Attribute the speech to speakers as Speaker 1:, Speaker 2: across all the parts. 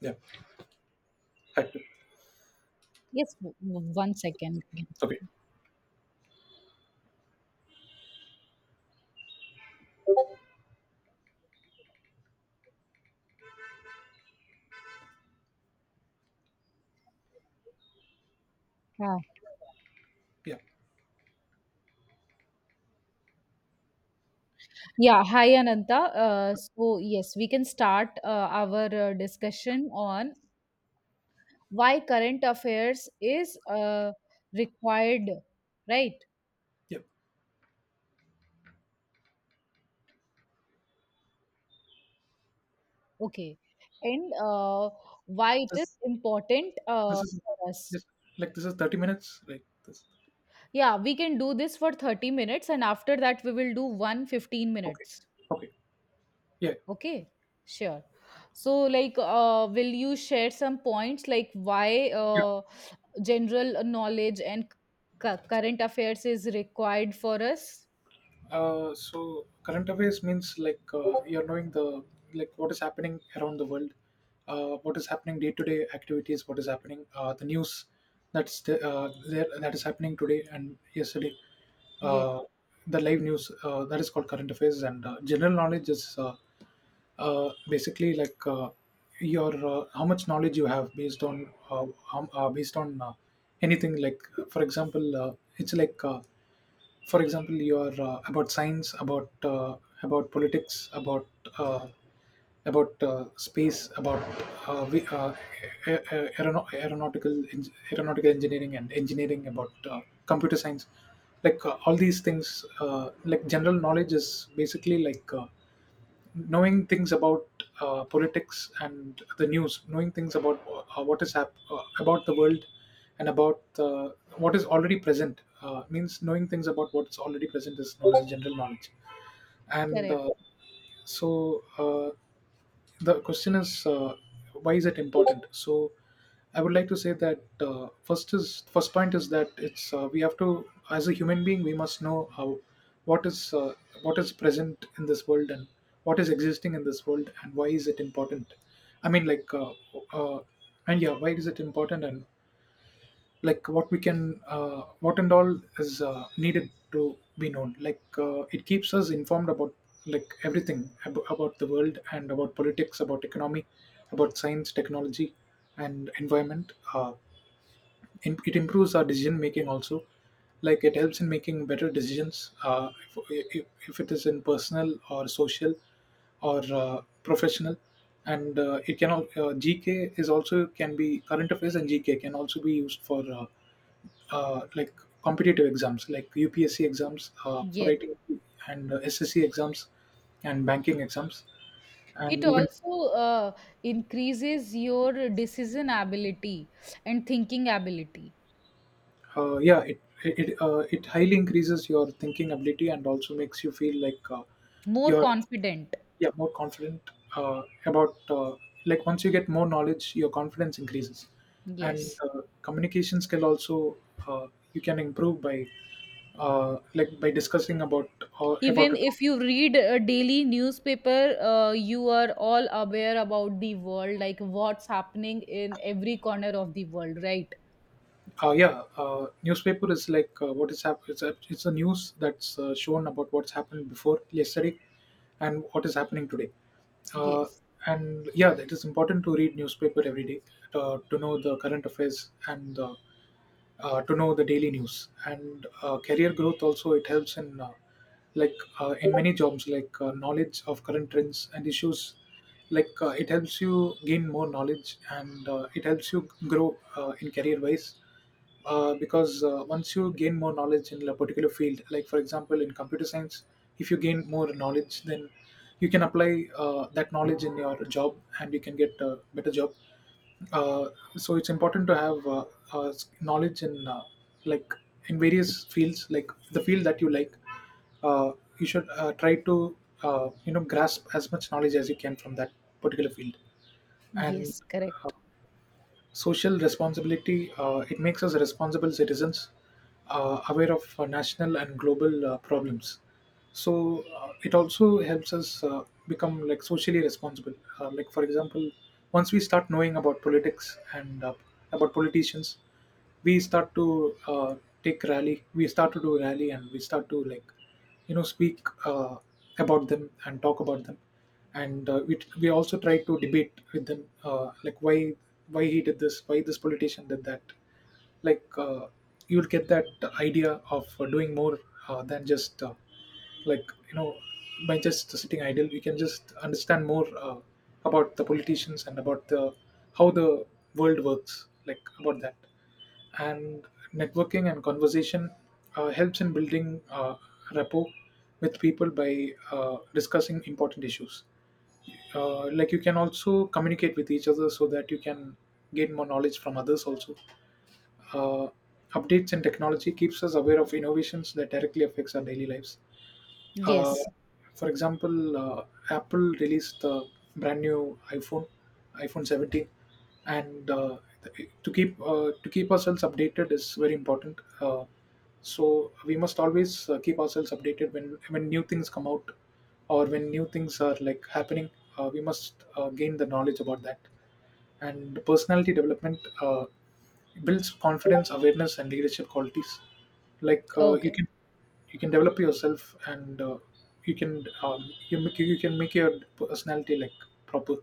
Speaker 1: Yeah. Hector.
Speaker 2: Yes, 1 second.
Speaker 1: Okay.
Speaker 2: Yeah.
Speaker 1: Yeah.
Speaker 2: Yeah. Hi, Ananta. Yes, we can start our discussion on why current affairs is required, right?
Speaker 1: Yeah.
Speaker 2: Okay. And why it is
Speaker 1: This
Speaker 2: important
Speaker 1: this is
Speaker 2: for us.
Speaker 1: just like, this is 30 minutes. Like this.
Speaker 2: Yeah, we can do this for 30 minutes, and after that, we will do one 15
Speaker 1: Okay.
Speaker 2: minutes.
Speaker 1: Okay. Yeah.
Speaker 2: Okay. Sure. So, will you share some points like why?
Speaker 1: Yeah.
Speaker 2: General knowledge and current affairs is required for us.
Speaker 1: So current affairs means, like, you're knowing the, like, what is happening around the world, what is happening day to day activities, what is happening, the news that's the, there that is happening today and yesterday.
Speaker 2: Yes,
Speaker 1: Uh, the live news that is called current affairs, and general knowledge is, basically, like, your, how much knowledge you have based on, based on anything, like for example, you are, about science, about, about politics, about uh, space, about we, a- aerono- aeronautical en- aeronautical engineering and engineering about computer science, like, all these things, like general knowledge is basically, like, knowing things about politics and the news, knowing things about about the world, and about what is already present, means knowing things about what's already present is knowledge, general knowledge. And
Speaker 2: correct.
Speaker 1: uh, so, the question is, why is it important. So I would like to say that, first point is that it's we have to as a human being we must know how what is uh, what is present in this world, and what is existing in this world, and why is it important. I mean, like, uh, and yeah, why is it important, and like what we can what and all is needed to be known. Like, it keeps us informed about, like, everything about the world, and about politics, about economy, about science, technology, and environment. It improves our decision making also. Like, it helps in making better decisions, if it is in personal or social or professional, and GK is also can be current affairs, and GK can also be used for, like, competitive exams like UPSC exams, for
Speaker 2: Yes.
Speaker 1: writing, and SSC exams, and banking exams,
Speaker 2: It
Speaker 1: and even.
Speaker 2: also increases your decision ability and thinking ability.
Speaker 1: Yeah, it highly increases your thinking ability, and also makes you feel like,
Speaker 2: More
Speaker 1: you're
Speaker 2: confident.
Speaker 1: yeah, more confident about like, once you get more knowledge, your confidence increases, and
Speaker 2: Yes.
Speaker 1: communication skill also, uh, you can improve by, like, by discussing about, or about
Speaker 2: Even
Speaker 1: a...
Speaker 2: if you read a daily newspaper, you are all aware about the world, like what's happening in every corner of the world, right?
Speaker 1: Yeah, newspaper is, like, what is happening. It's a news that's shown about what's happened before yesterday and what is happening today. Uh,
Speaker 2: Yes.
Speaker 1: and yeah, it is important to read newspaper every day to know the current affairs, and to know the daily news. And career growth also, it helps in, in many jobs. Like, knowledge of current trends and issues, like, it helps you gain more knowledge, and it helps you grow in career wise, because once you gain more knowledge in a particular field, like for example in computer science, if you gain more knowledge, then you can apply that knowledge in your job, and you can get a better job. Uh, so it's important to have, knowledge in, like, in various fields, like the field that you like. Uh, you should try to, you know, grasp as much knowledge as you can from that particular field, and
Speaker 2: Yes, correct.
Speaker 1: social responsibility. It makes us responsible citizens, aware of national and global problems. So it also helps us become, like, socially responsible. Like, for example, once we start knowing about politics, and about politicians, we start to, uh, take rally we start to do rally, and we start to, like, speak uh, about them and talk about them, and we also try to debate with them, like, why he did this, why this politician did that. Like, you'll get that idea of doing more than just, like you know by just sitting idle you can just understand more about the politicians, and about the how the world works, like about that. And networking and conversation helps in building rapport with people by discussing important issues. Like, you can also communicate with each other so that you can gain more knowledge from others also. uh, Updates in technology keeps us aware of innovations that directly affects our daily lives. uh,
Speaker 2: Yes.
Speaker 1: for example, Apple released the brand new iPhone, iPhone 17, and, to keep ourselves updated is very important. So we must always keep ourselves updated when new things come out, or when new things are, like, happening. We must gain the knowledge about that. And personality development builds confidence, awareness, and leadership qualities. Like,
Speaker 2: Okay.
Speaker 1: you can develop yourself, and you can, you can make your personality, like, proper.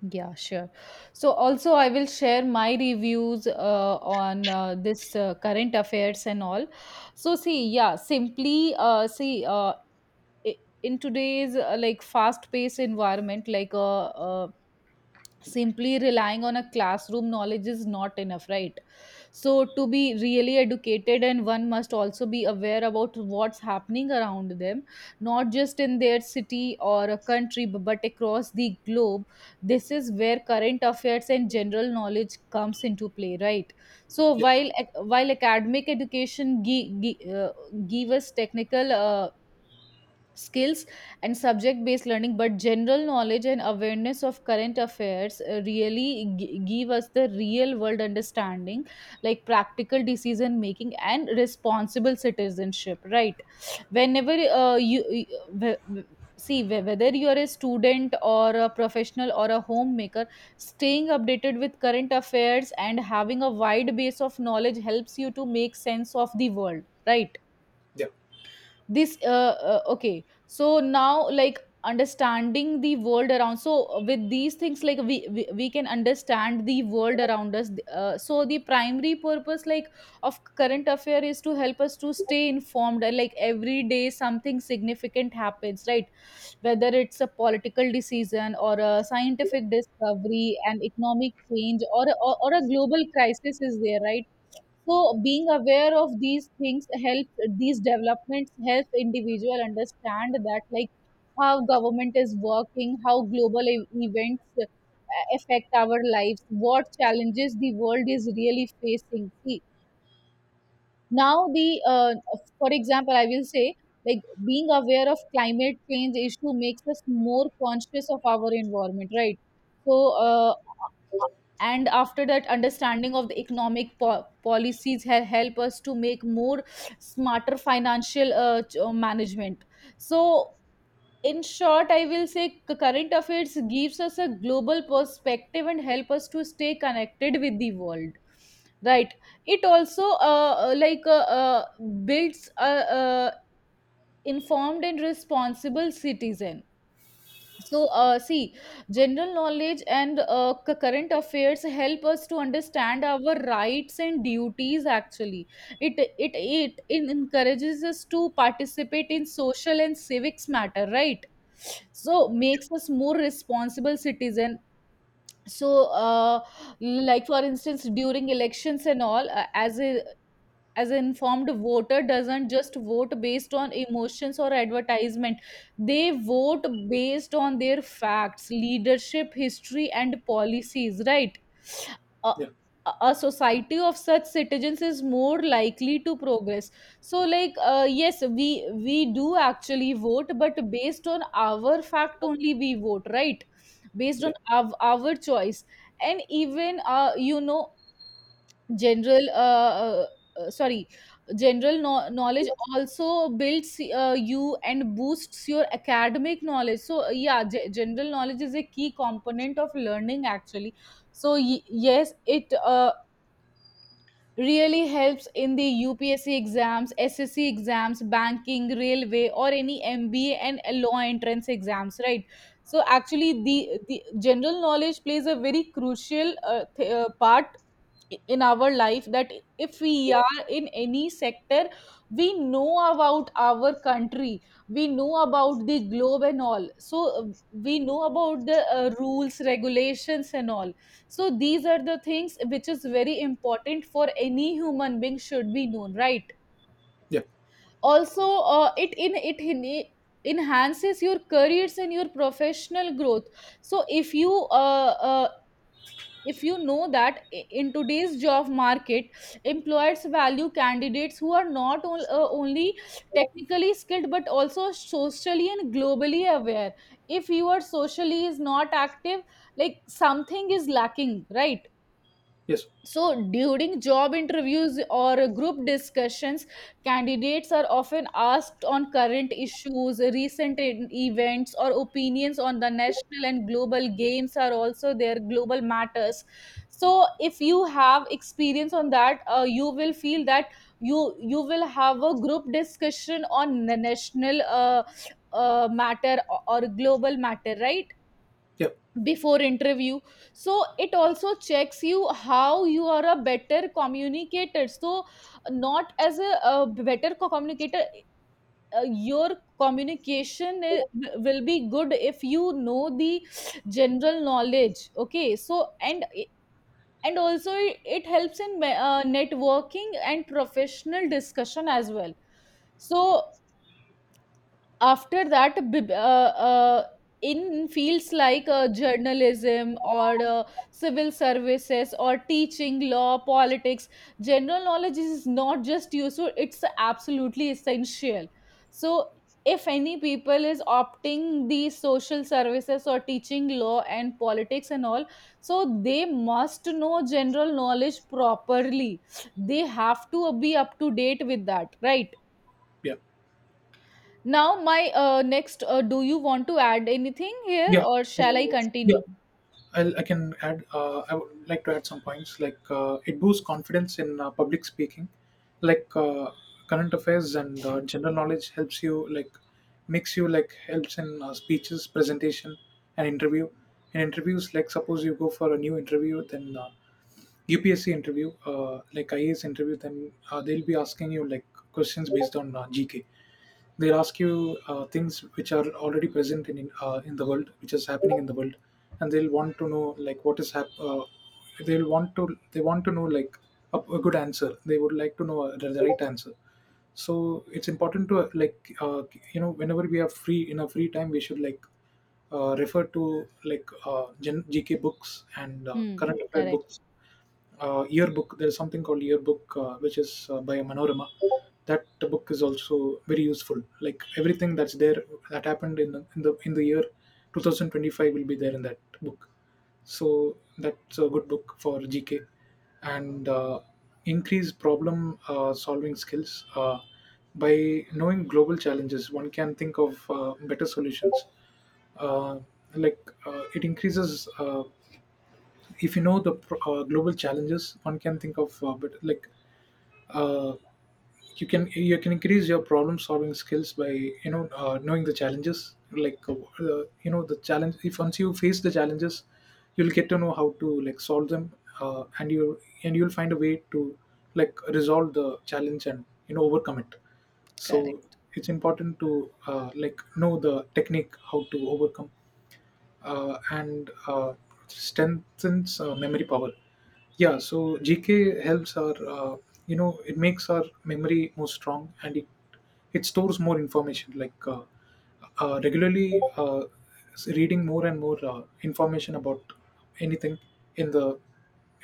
Speaker 2: Yeah, sure. So also I will share my reviews on this current affairs and all. So see, yeah, in today's fast-paced environment, simply relying on a classroom knowledge is not enough, right? So to be really educated, and one must also be aware about what's happening around them, not just in their city or a country, but across the globe. This is where current affairs and general knowledge comes into play, right? So
Speaker 1: Yeah,
Speaker 2: while while academic education give us technical skills and subject based learning, but general knowledge and awareness of current affairs really give us the real world understanding, like practical decision making and responsible citizenship, right? Whenever whether you are a student or a professional or a homemaker, staying updated with current affairs and having a wide base of knowledge helps you to make sense of the world, right?
Speaker 1: yeah,
Speaker 2: This uh, uh, okay so now, like, understanding the world around, so with these things, we can understand the world around us. So the primary purpose, like, of current affair is to help us to stay informed, and like every day something significant happens, right? Whether it's a political decision or a scientific discovery and economic change or, or a global crisis is there, right? So being aware of these things helps, these developments help individual understand that, like, how government is working, how global events affect our lives, what challenges the world is really facing. See, now the for example, I will say, like, being aware of climate change issue makes us more conscious of our environment, right? So and after that, understanding of the economic policies help us to make more smarter financial management. So in short, I will say current affairs gives us a global perspective and help us to stay connected with the world, right? It also uh, uh, like uh, uh, builds uh informed and responsible citizen. So, see, general knowledge and current affairs help us to understand our rights and duties. Actually, encourages us to participate in social and civics matter, right? So, makes us more responsible citizen. So, like, for instance, during elections and all, as an informed voter doesn't just vote based on emotions or advertisement, they vote based on their facts, leadership history and policies, right? a,
Speaker 1: yeah,
Speaker 2: a society of such citizens is more likely to progress. So, yes, we do actually vote, but based on our fact only we vote, right? Based on
Speaker 1: yeah,
Speaker 2: our choice. And even you know, general sorry general knowledge also builds you and boosts your academic knowledge. So yeah, general knowledge is a key component of learning, actually. So yes, it really helps in the UPSC exams, SSC exams, banking, railway, or any MBA and law entrance exams, right? So actually, the general knowledge plays a very crucial part in our life, that if we are in any sector, we know about our country, we know about the globe and all. So we know about the rules, regulations and all. So these are the things which is very important for any human being should be known, right?
Speaker 1: yeah.
Speaker 2: Also it enhances your careers and your professional growth. So uh, uh, if you know that in today's job market, employers value candidates who are not on, only technically skilled, but also socially and globally aware. If you are socially is not active, like something is lacking, right?
Speaker 1: Yes,
Speaker 2: So during job interviews or group discussions, candidates are often asked on current issues, recent events, or opinions on the national and global games, are also their global matters. So if you have experience on that, you will feel that you will have a group discussion on the national matter or global matter, right?
Speaker 1: yeah,
Speaker 2: Before interview. So it also checks you how you are a better communicator. So not as a, better communicator, your communication will be good if you know the general knowledge. Okay, so, and also it helps in networking and professional discussion as well. So after that, in fields like journalism or civil services or teaching, law, politics, general knowledge is not just useful, it's absolutely essential. So if any people is opting the social services or teaching, law and politics and all, so they must know general knowledge properly. They have to be up to date with that, right?
Speaker 1: yeah,
Speaker 2: Now, my next, do you want to add anything here
Speaker 1: yeah.
Speaker 2: or shall I
Speaker 1: So yeah.
Speaker 2: continue?
Speaker 1: I can add. I would like to add some points. Like, it boosts confidence in public speaking, like, current affairs and general knowledge helps you, like, makes you, like, helps in speeches, presentation, and interview. In interviews, like, suppose you go for a new interview, then, UPSC interview, like IAS interview, then they'll be asking you, like, questions based on GK. They'll ask you things which are already present in the world, which is happening in the world, and they'll want to know, like, they want to know like a good answer. They would like to know the right answer. So it's important to, whenever we are free in our free time, we should, like, refer to, like, GK books, and
Speaker 2: Hmm,
Speaker 1: current affair
Speaker 2: correct,
Speaker 1: books, yearbook. There is something called yearbook, which is by Manorama. That book is also very useful. Like, everything that's there, that happened in the year 2025, will be there in that book. So that's a good book for GK, and increase problem solving skills. By knowing global challenges, one can think of better solutions. Uh, like it increases If you know global challenges, one can think of, but like uh, you can increase your problem solving skills by, knowing the challenges. Like, you know the challenge. If once you face the challenges, you'll get to know how to, like, solve them, and you'll find a way to, like, resolve the challenge, and overcome it. So
Speaker 2: correct.
Speaker 1: it's important to, like, know the technique how to overcome, and strengthens memory power. Yeah, so GK helps our, it makes our memory more strong, and it stores more information. Like, regularly, reading more and more information about anything in the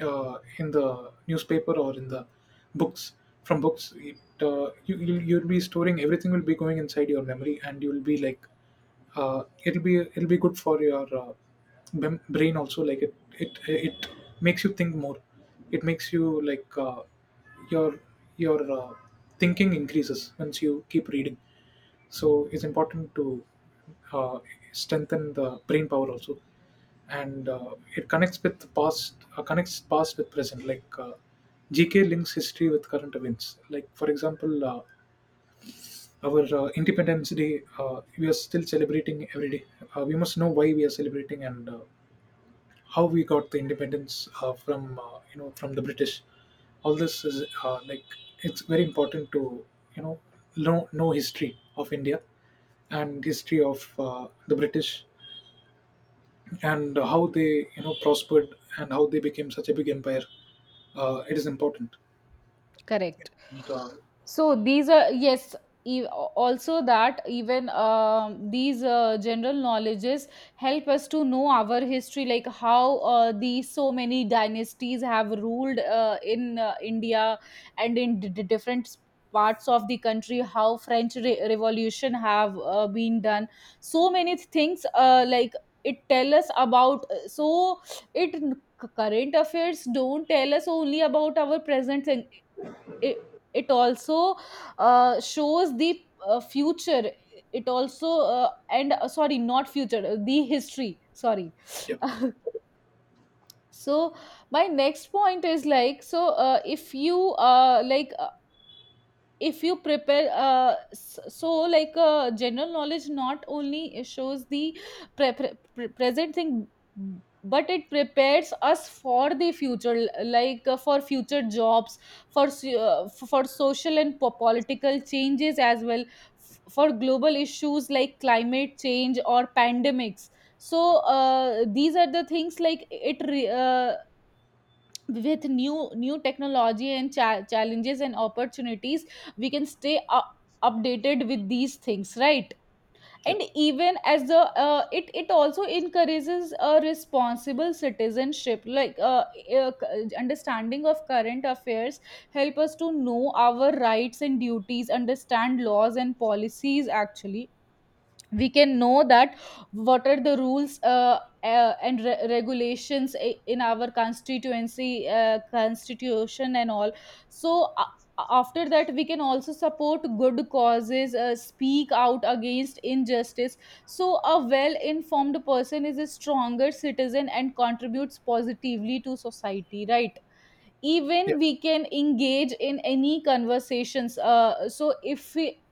Speaker 1: uh, in the newspaper, or in the books, from books. It you You'll be storing, everything will be going inside your memory, and you'll be, like, it'll be good for your, brain also. Like, it it makes you think more, it makes you, like, your your thinking increases once you keep reading. So it's important to uh, strengthen the brain power also, and it connects past with present. Like, GK links history with current events, like for example, our Independence Day, we are still celebrating every day. We must know why we are celebrating, and how we got the independence from, from the British. All this is, like, it's very important to, you know know history of India, and history of the British, and how they, prospered, and how they became such a big empire. It is important.
Speaker 2: Correct.
Speaker 1: And, uh,
Speaker 2: So these are, yes. e- Also, that even um, these general knowledges help us to know our history, like how these so many dynasties have ruled in India and in different parts of the country. How French Revolution have been done. So many things, like, it tell us about. So it, current affairs don't tell us only about our present, it it also shows the future. It also and sorry, not future, the history, sorry.
Speaker 1: yeah,
Speaker 2: So my next point is, like, so if you like, if you prepare so, like, general knowledge not only shows the present thing, but it prepares us for the future, like for future jobs, for for social and political changes as well, for global issues like climate change or pandemics. So these are the things, like, with new technology and challenges and opportunities, we can stay updated with these things, right?
Speaker 1: yeah,
Speaker 2: And even as the it it also encourages a responsible citizenship, like understanding of current affairs help us to know our rights and duties, understand laws and policies. Actually, we can know that what are the rules and regulations in our constituency, constitution and all. So after that, we can also support good causes, speak out against injustice. So a well informed person is a stronger citizen and contributes positively to society, right?
Speaker 1: yeah,
Speaker 2: Even we can engage in any conversations, so if we,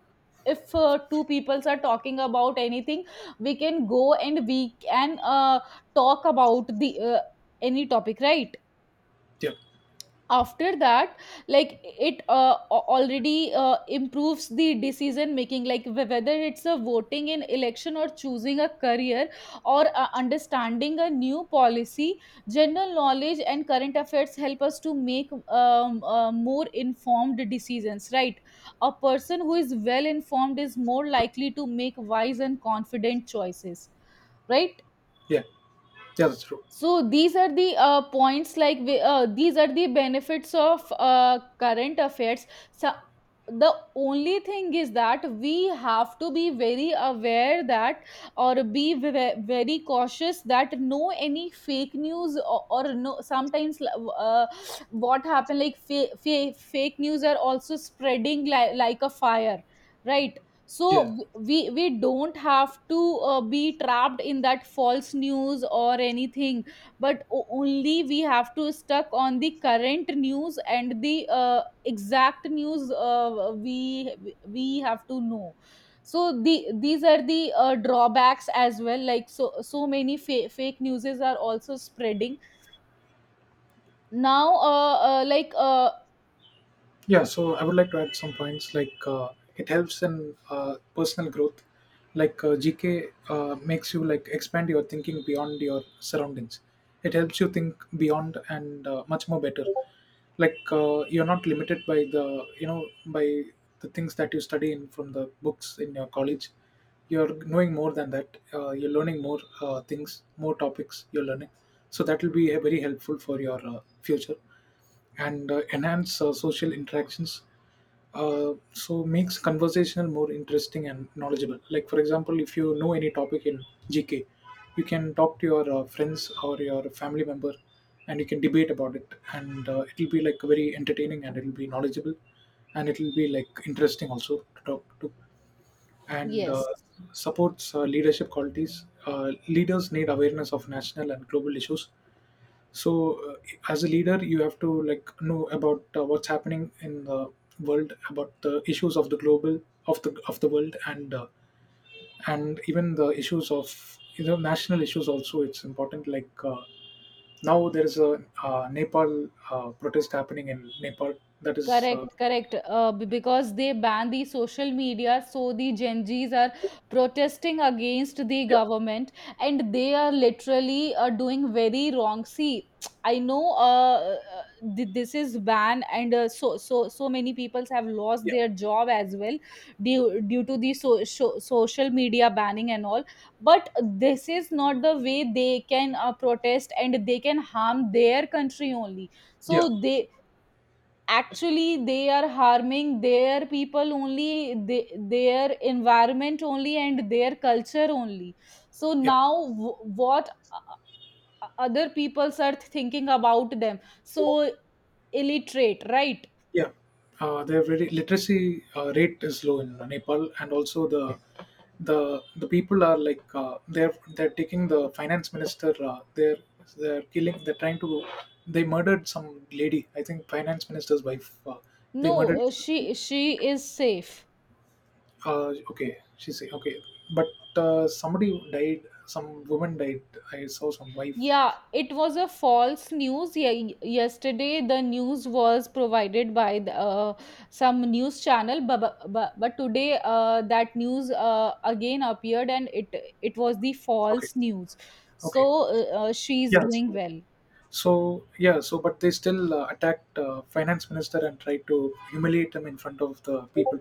Speaker 2: if two peoples are talking about anything, we can go and we can talk about the any topic, right?
Speaker 1: yeah,
Speaker 2: After that, like it a- already improves the decision making, like whether it's a voting in election or choosing a career or understanding a new policy, general knowledge and current affairs help us to make more informed decisions, right? A person who is well informed is more likely to make wise and confident choices, right?
Speaker 1: yeah, yeah. That's true.
Speaker 2: So these are the these are the benefits of current affairs. So the only thing is that we have to be very aware that, or be very cautious that no any fake news, or no, sometimes what happen, like fake news are also spreading like a fire, right? So
Speaker 1: Yeah.
Speaker 2: we don't have to be trapped in that false news or anything, but only we have to stuck on the current news and the exact news, we have to know. So the these are the drawbacks as well, like, so so many fake newses are also spreading now,
Speaker 1: Yeah, so I would like to add some points, like, it helps in personal growth. Like, GK makes you, like, expand your thinking beyond your surroundings. It helps you think beyond, and much more better. Like, you're not limited by, the you know by the things that you study in, from the books in your college. You're knowing more than that. You're learning more things, more topics you're learning. So that will be very helpful for your future and enhance social interactions, so makes conversational more interesting and knowledgeable. Like for example, if you know any topic in gk, you can talk to your friends or your family member, and you can debate about it, and it'll be like very entertaining, and it'll be knowledgeable, and it'll be like interesting also to talk to. And
Speaker 2: yes.
Speaker 1: Supports leadership qualities. Leaders need awareness of national and global issues. so uh, as a leader, you have to like know about what's happening in the world, about the issues of the global, of the world, and even the issues of, you know, national issues also. It's important. Now there is a Nepal protest happening in Nepal. That is
Speaker 2: Correct, correct. Because they ban the social media, so the Gen Zs are protesting against the
Speaker 1: Yeah,
Speaker 2: government, and they are literally doing very wrong. See, I know this is ban, and so so so many people have lost
Speaker 1: yeah,
Speaker 2: their job as well due due to the so, so, social media banning and all. But this is not the way they can protest, and they can harm their country only.
Speaker 1: yeah,
Speaker 2: So they, actually they are harming their people only, they, their environment only and their culture only. So
Speaker 1: yeah.
Speaker 2: now other peoples are thinking about them, so illiterate, right?
Speaker 1: Yeah, their very literacy rate is low in Nepal, and also the people are like, they're taking the finance minister. They're killing. They're trying to. They murdered some lady. I think finance minister's wife. They murdered.
Speaker 2: No, she is safe.
Speaker 1: Okay, she say okay, but somebody died. Some woman died. I saw some wife.
Speaker 2: Yeah, it was a false news. Yesterday, the news was provided by the, some news channel, but today that news again appeared, and it was the
Speaker 1: Okay,
Speaker 2: false news.
Speaker 1: okay,
Speaker 2: So she is
Speaker 1: yeah.
Speaker 2: doing
Speaker 1: So
Speaker 2: well.
Speaker 1: So yeah, so but they still attacked finance minister and tried to humiliate him in front of the people.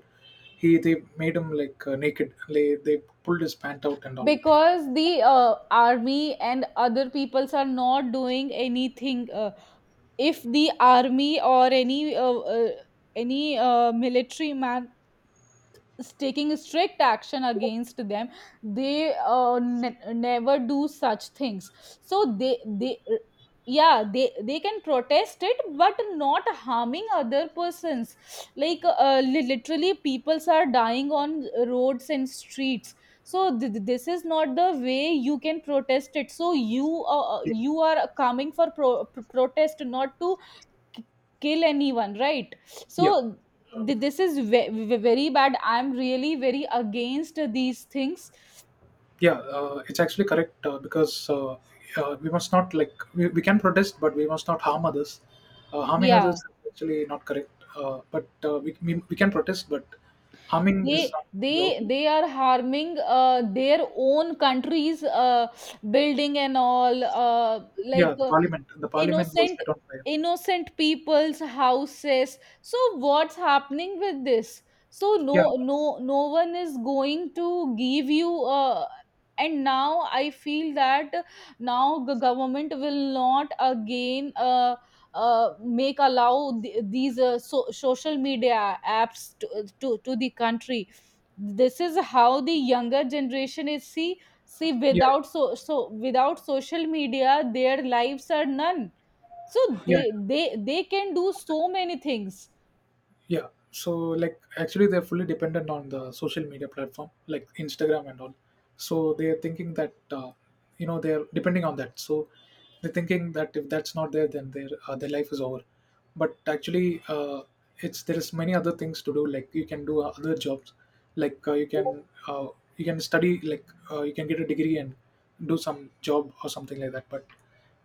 Speaker 1: He they made him like naked. They pulled his pant out and all.
Speaker 2: Because the army and other peoples are not doing anything. If the army or any military man taking strict action against them, they never do such things. So they yeah, they can protest it, but not harming other persons, like literally peoples are dying on roads and streets. So this is not the way you can protest it. So you
Speaker 1: Yeah,
Speaker 2: you are coming for protest, not to k- kill anyone, right? So
Speaker 1: yeah,
Speaker 2: this is very bad, I'm really very against these things.
Speaker 1: yeah. It's actually correct because we must not like we can protest, but we must not harm others. Harming others
Speaker 2: Yeah,
Speaker 1: is actually not correct. But we can protest, but harming is
Speaker 2: they
Speaker 1: not allowed.
Speaker 2: they are harming their own countries building and all, like
Speaker 1: Yeah, the
Speaker 2: uh,
Speaker 1: parliament was
Speaker 2: innocent,
Speaker 1: set on fire.
Speaker 2: innocent people's houses. So what's happening with this? So
Speaker 1: Yeah,
Speaker 2: no, no, no one is going to give you, and now I feel that now the government will not again uh, make allow these social media apps to the country. This is how the younger generation is. See, see,
Speaker 1: yeah, yeah,
Speaker 2: without so so without social media their lives are none. So
Speaker 1: yeah.
Speaker 2: they they they can do so many things.
Speaker 1: Yeah. So like actually they're fully dependent on the social media platform like Instagram and all. So they're thinking that, you know, they're depending on that. So they're thinking that if that's not there, then their life is over. But actually, it's there is many other things to do. Like you can do other jobs. You can you can study. You can get a degree and do some job or something like that. But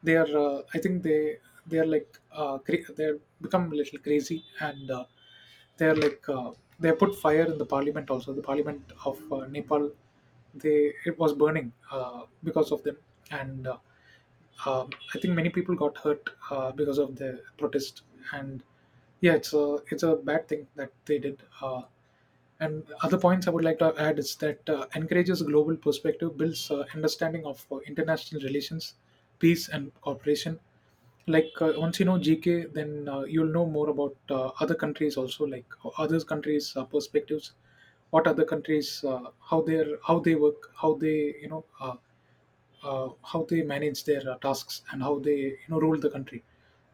Speaker 1: they are, I think they are like they're become a little crazy, and they're like, they put fire in the parliament, also the parliament of Nepal. They, it was burning uh, because of them, and I think many people got hurt because of the protest, and yeah, it's a bad thing that they did. And other points I would like to add is that encourages global perspective, builds understanding of international relations, peace, and cooperation. Like once you know GK, then you'll know more about other countries also, like other countries' perspectives, what other countries, how they are, how they work, how they, you know, how they manage their tasks, and how they, you know, rule the country.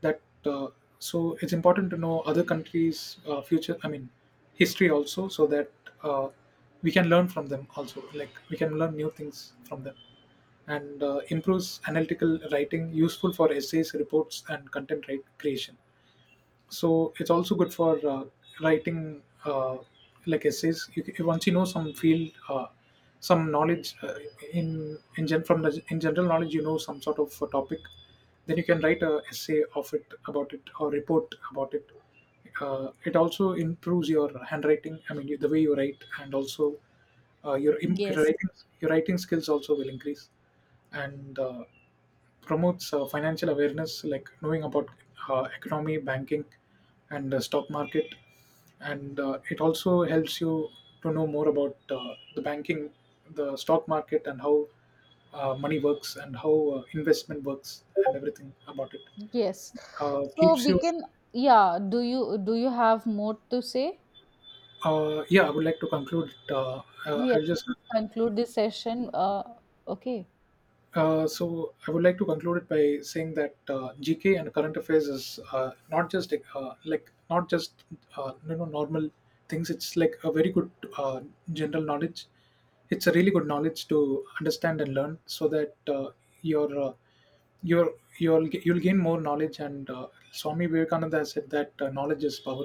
Speaker 1: That uh, so it's important to know other countries' future, I mean history also, so that uh, we can learn from them also. Like we can learn new things from them. And improves analytical writing, useful for essays, reports, and content write creation. So it's also good for writing, like essays. Once you know some field, some knowledge from the, in general knowledge, you know some sort of a topic, then you can write a essay of it, about it, or report about it. Uh, it also improves your handwriting, I mean the way you write, and also your
Speaker 2: Yes.
Speaker 1: writing, your writing skills also will increase. And Promotes financial awareness, like knowing about economy, banking, and the stock market. And it also helps you to know more about the banking, the stock market, and how money works, and how investment works, and everything about it.
Speaker 2: Yes. So
Speaker 1: Keeps
Speaker 2: we
Speaker 1: you
Speaker 2: can, yeah, do you have more to say?
Speaker 1: Yeah, I would like to conclude. uh, uh,
Speaker 2: Yes.
Speaker 1: i'll just
Speaker 2: Conclude this session, okay.
Speaker 1: uh, so I would like to conclude it by saying that, GK and current affairs is not just you know normal things. It's like a very good uh, general knowledge. It's a really good knowledge to understand and learn, so that your you're you'll you'll gain more knowledge. And Swami Vivekananda has said that knowledge is power.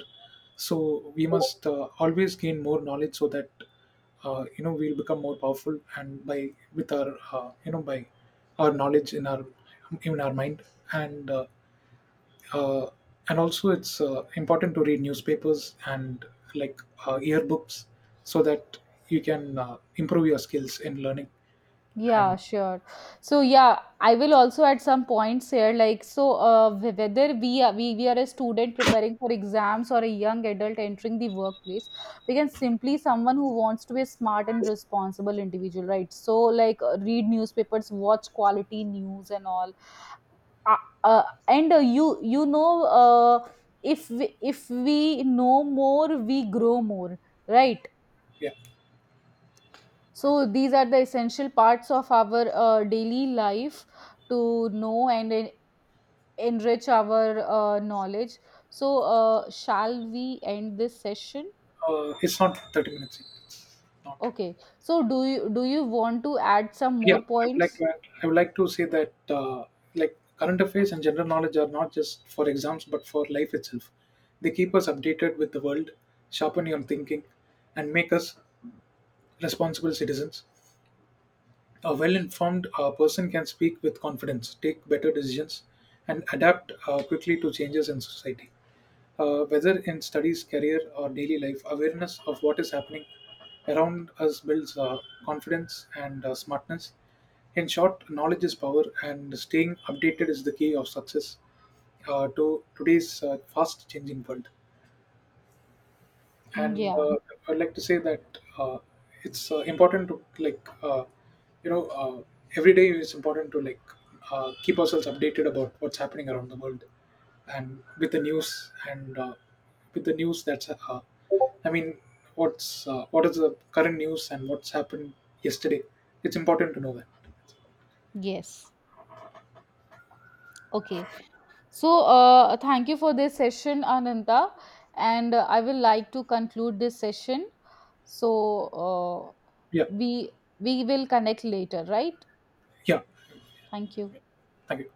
Speaker 1: So we must always gain more knowledge, so that you know we'll become more powerful, and by with our, you know, by our knowledge in our mind. And uh, uh, and also it's important to read newspapers and like yearbooks, so that you can improve your skills in learning. And
Speaker 2: Yeah, sure. So yeah, I will also at some points here, like, so whether we are a student preparing for exams or a young adult entering the workplace, we can simply someone who wants to be a smart and responsible individual, right? So like, read newspapers, watch quality news and all. Uh, and you you know, if we know more, we grow more, right?
Speaker 1: yeah,
Speaker 2: So these are the essential parts of our daily life to know and enrich our knowledge. So shall we end this session?
Speaker 1: it's not 30 minutes, not.
Speaker 2: Okay. So do you, do you want to add some
Speaker 1: Yeah,
Speaker 2: more
Speaker 1: I would like
Speaker 2: points?
Speaker 1: to add, I would like to say that, like current affairs and general knowledge are not just for exams but for life itself. They keep us updated with the world, sharpen your thinking, and make us responsible citizens. A well informed person can speak with confidence, take better decisions, and adapt quickly to changes in society. Whether in studies, career, or daily life, awareness of what is happening around us builds confidence and smartness. In short, knowledge is power, and staying updated is the key of success to today's fast changing world. And
Speaker 2: Yeah.
Speaker 1: I'd like to say that uh, it's important to like, you know uh, every day it's important to like keep ourselves updated about what's happening around the world, and with the news, and with the news that's I mean what is the current news and what's happened yesterday. It's important to know that.
Speaker 2: Yes. Okay. So thank you for this session, Ananta, and I will like to conclude this session. So uh,
Speaker 1: Yeah,
Speaker 2: we we will connect later, right?
Speaker 1: yeah.
Speaker 2: Thank you.
Speaker 1: Thank you.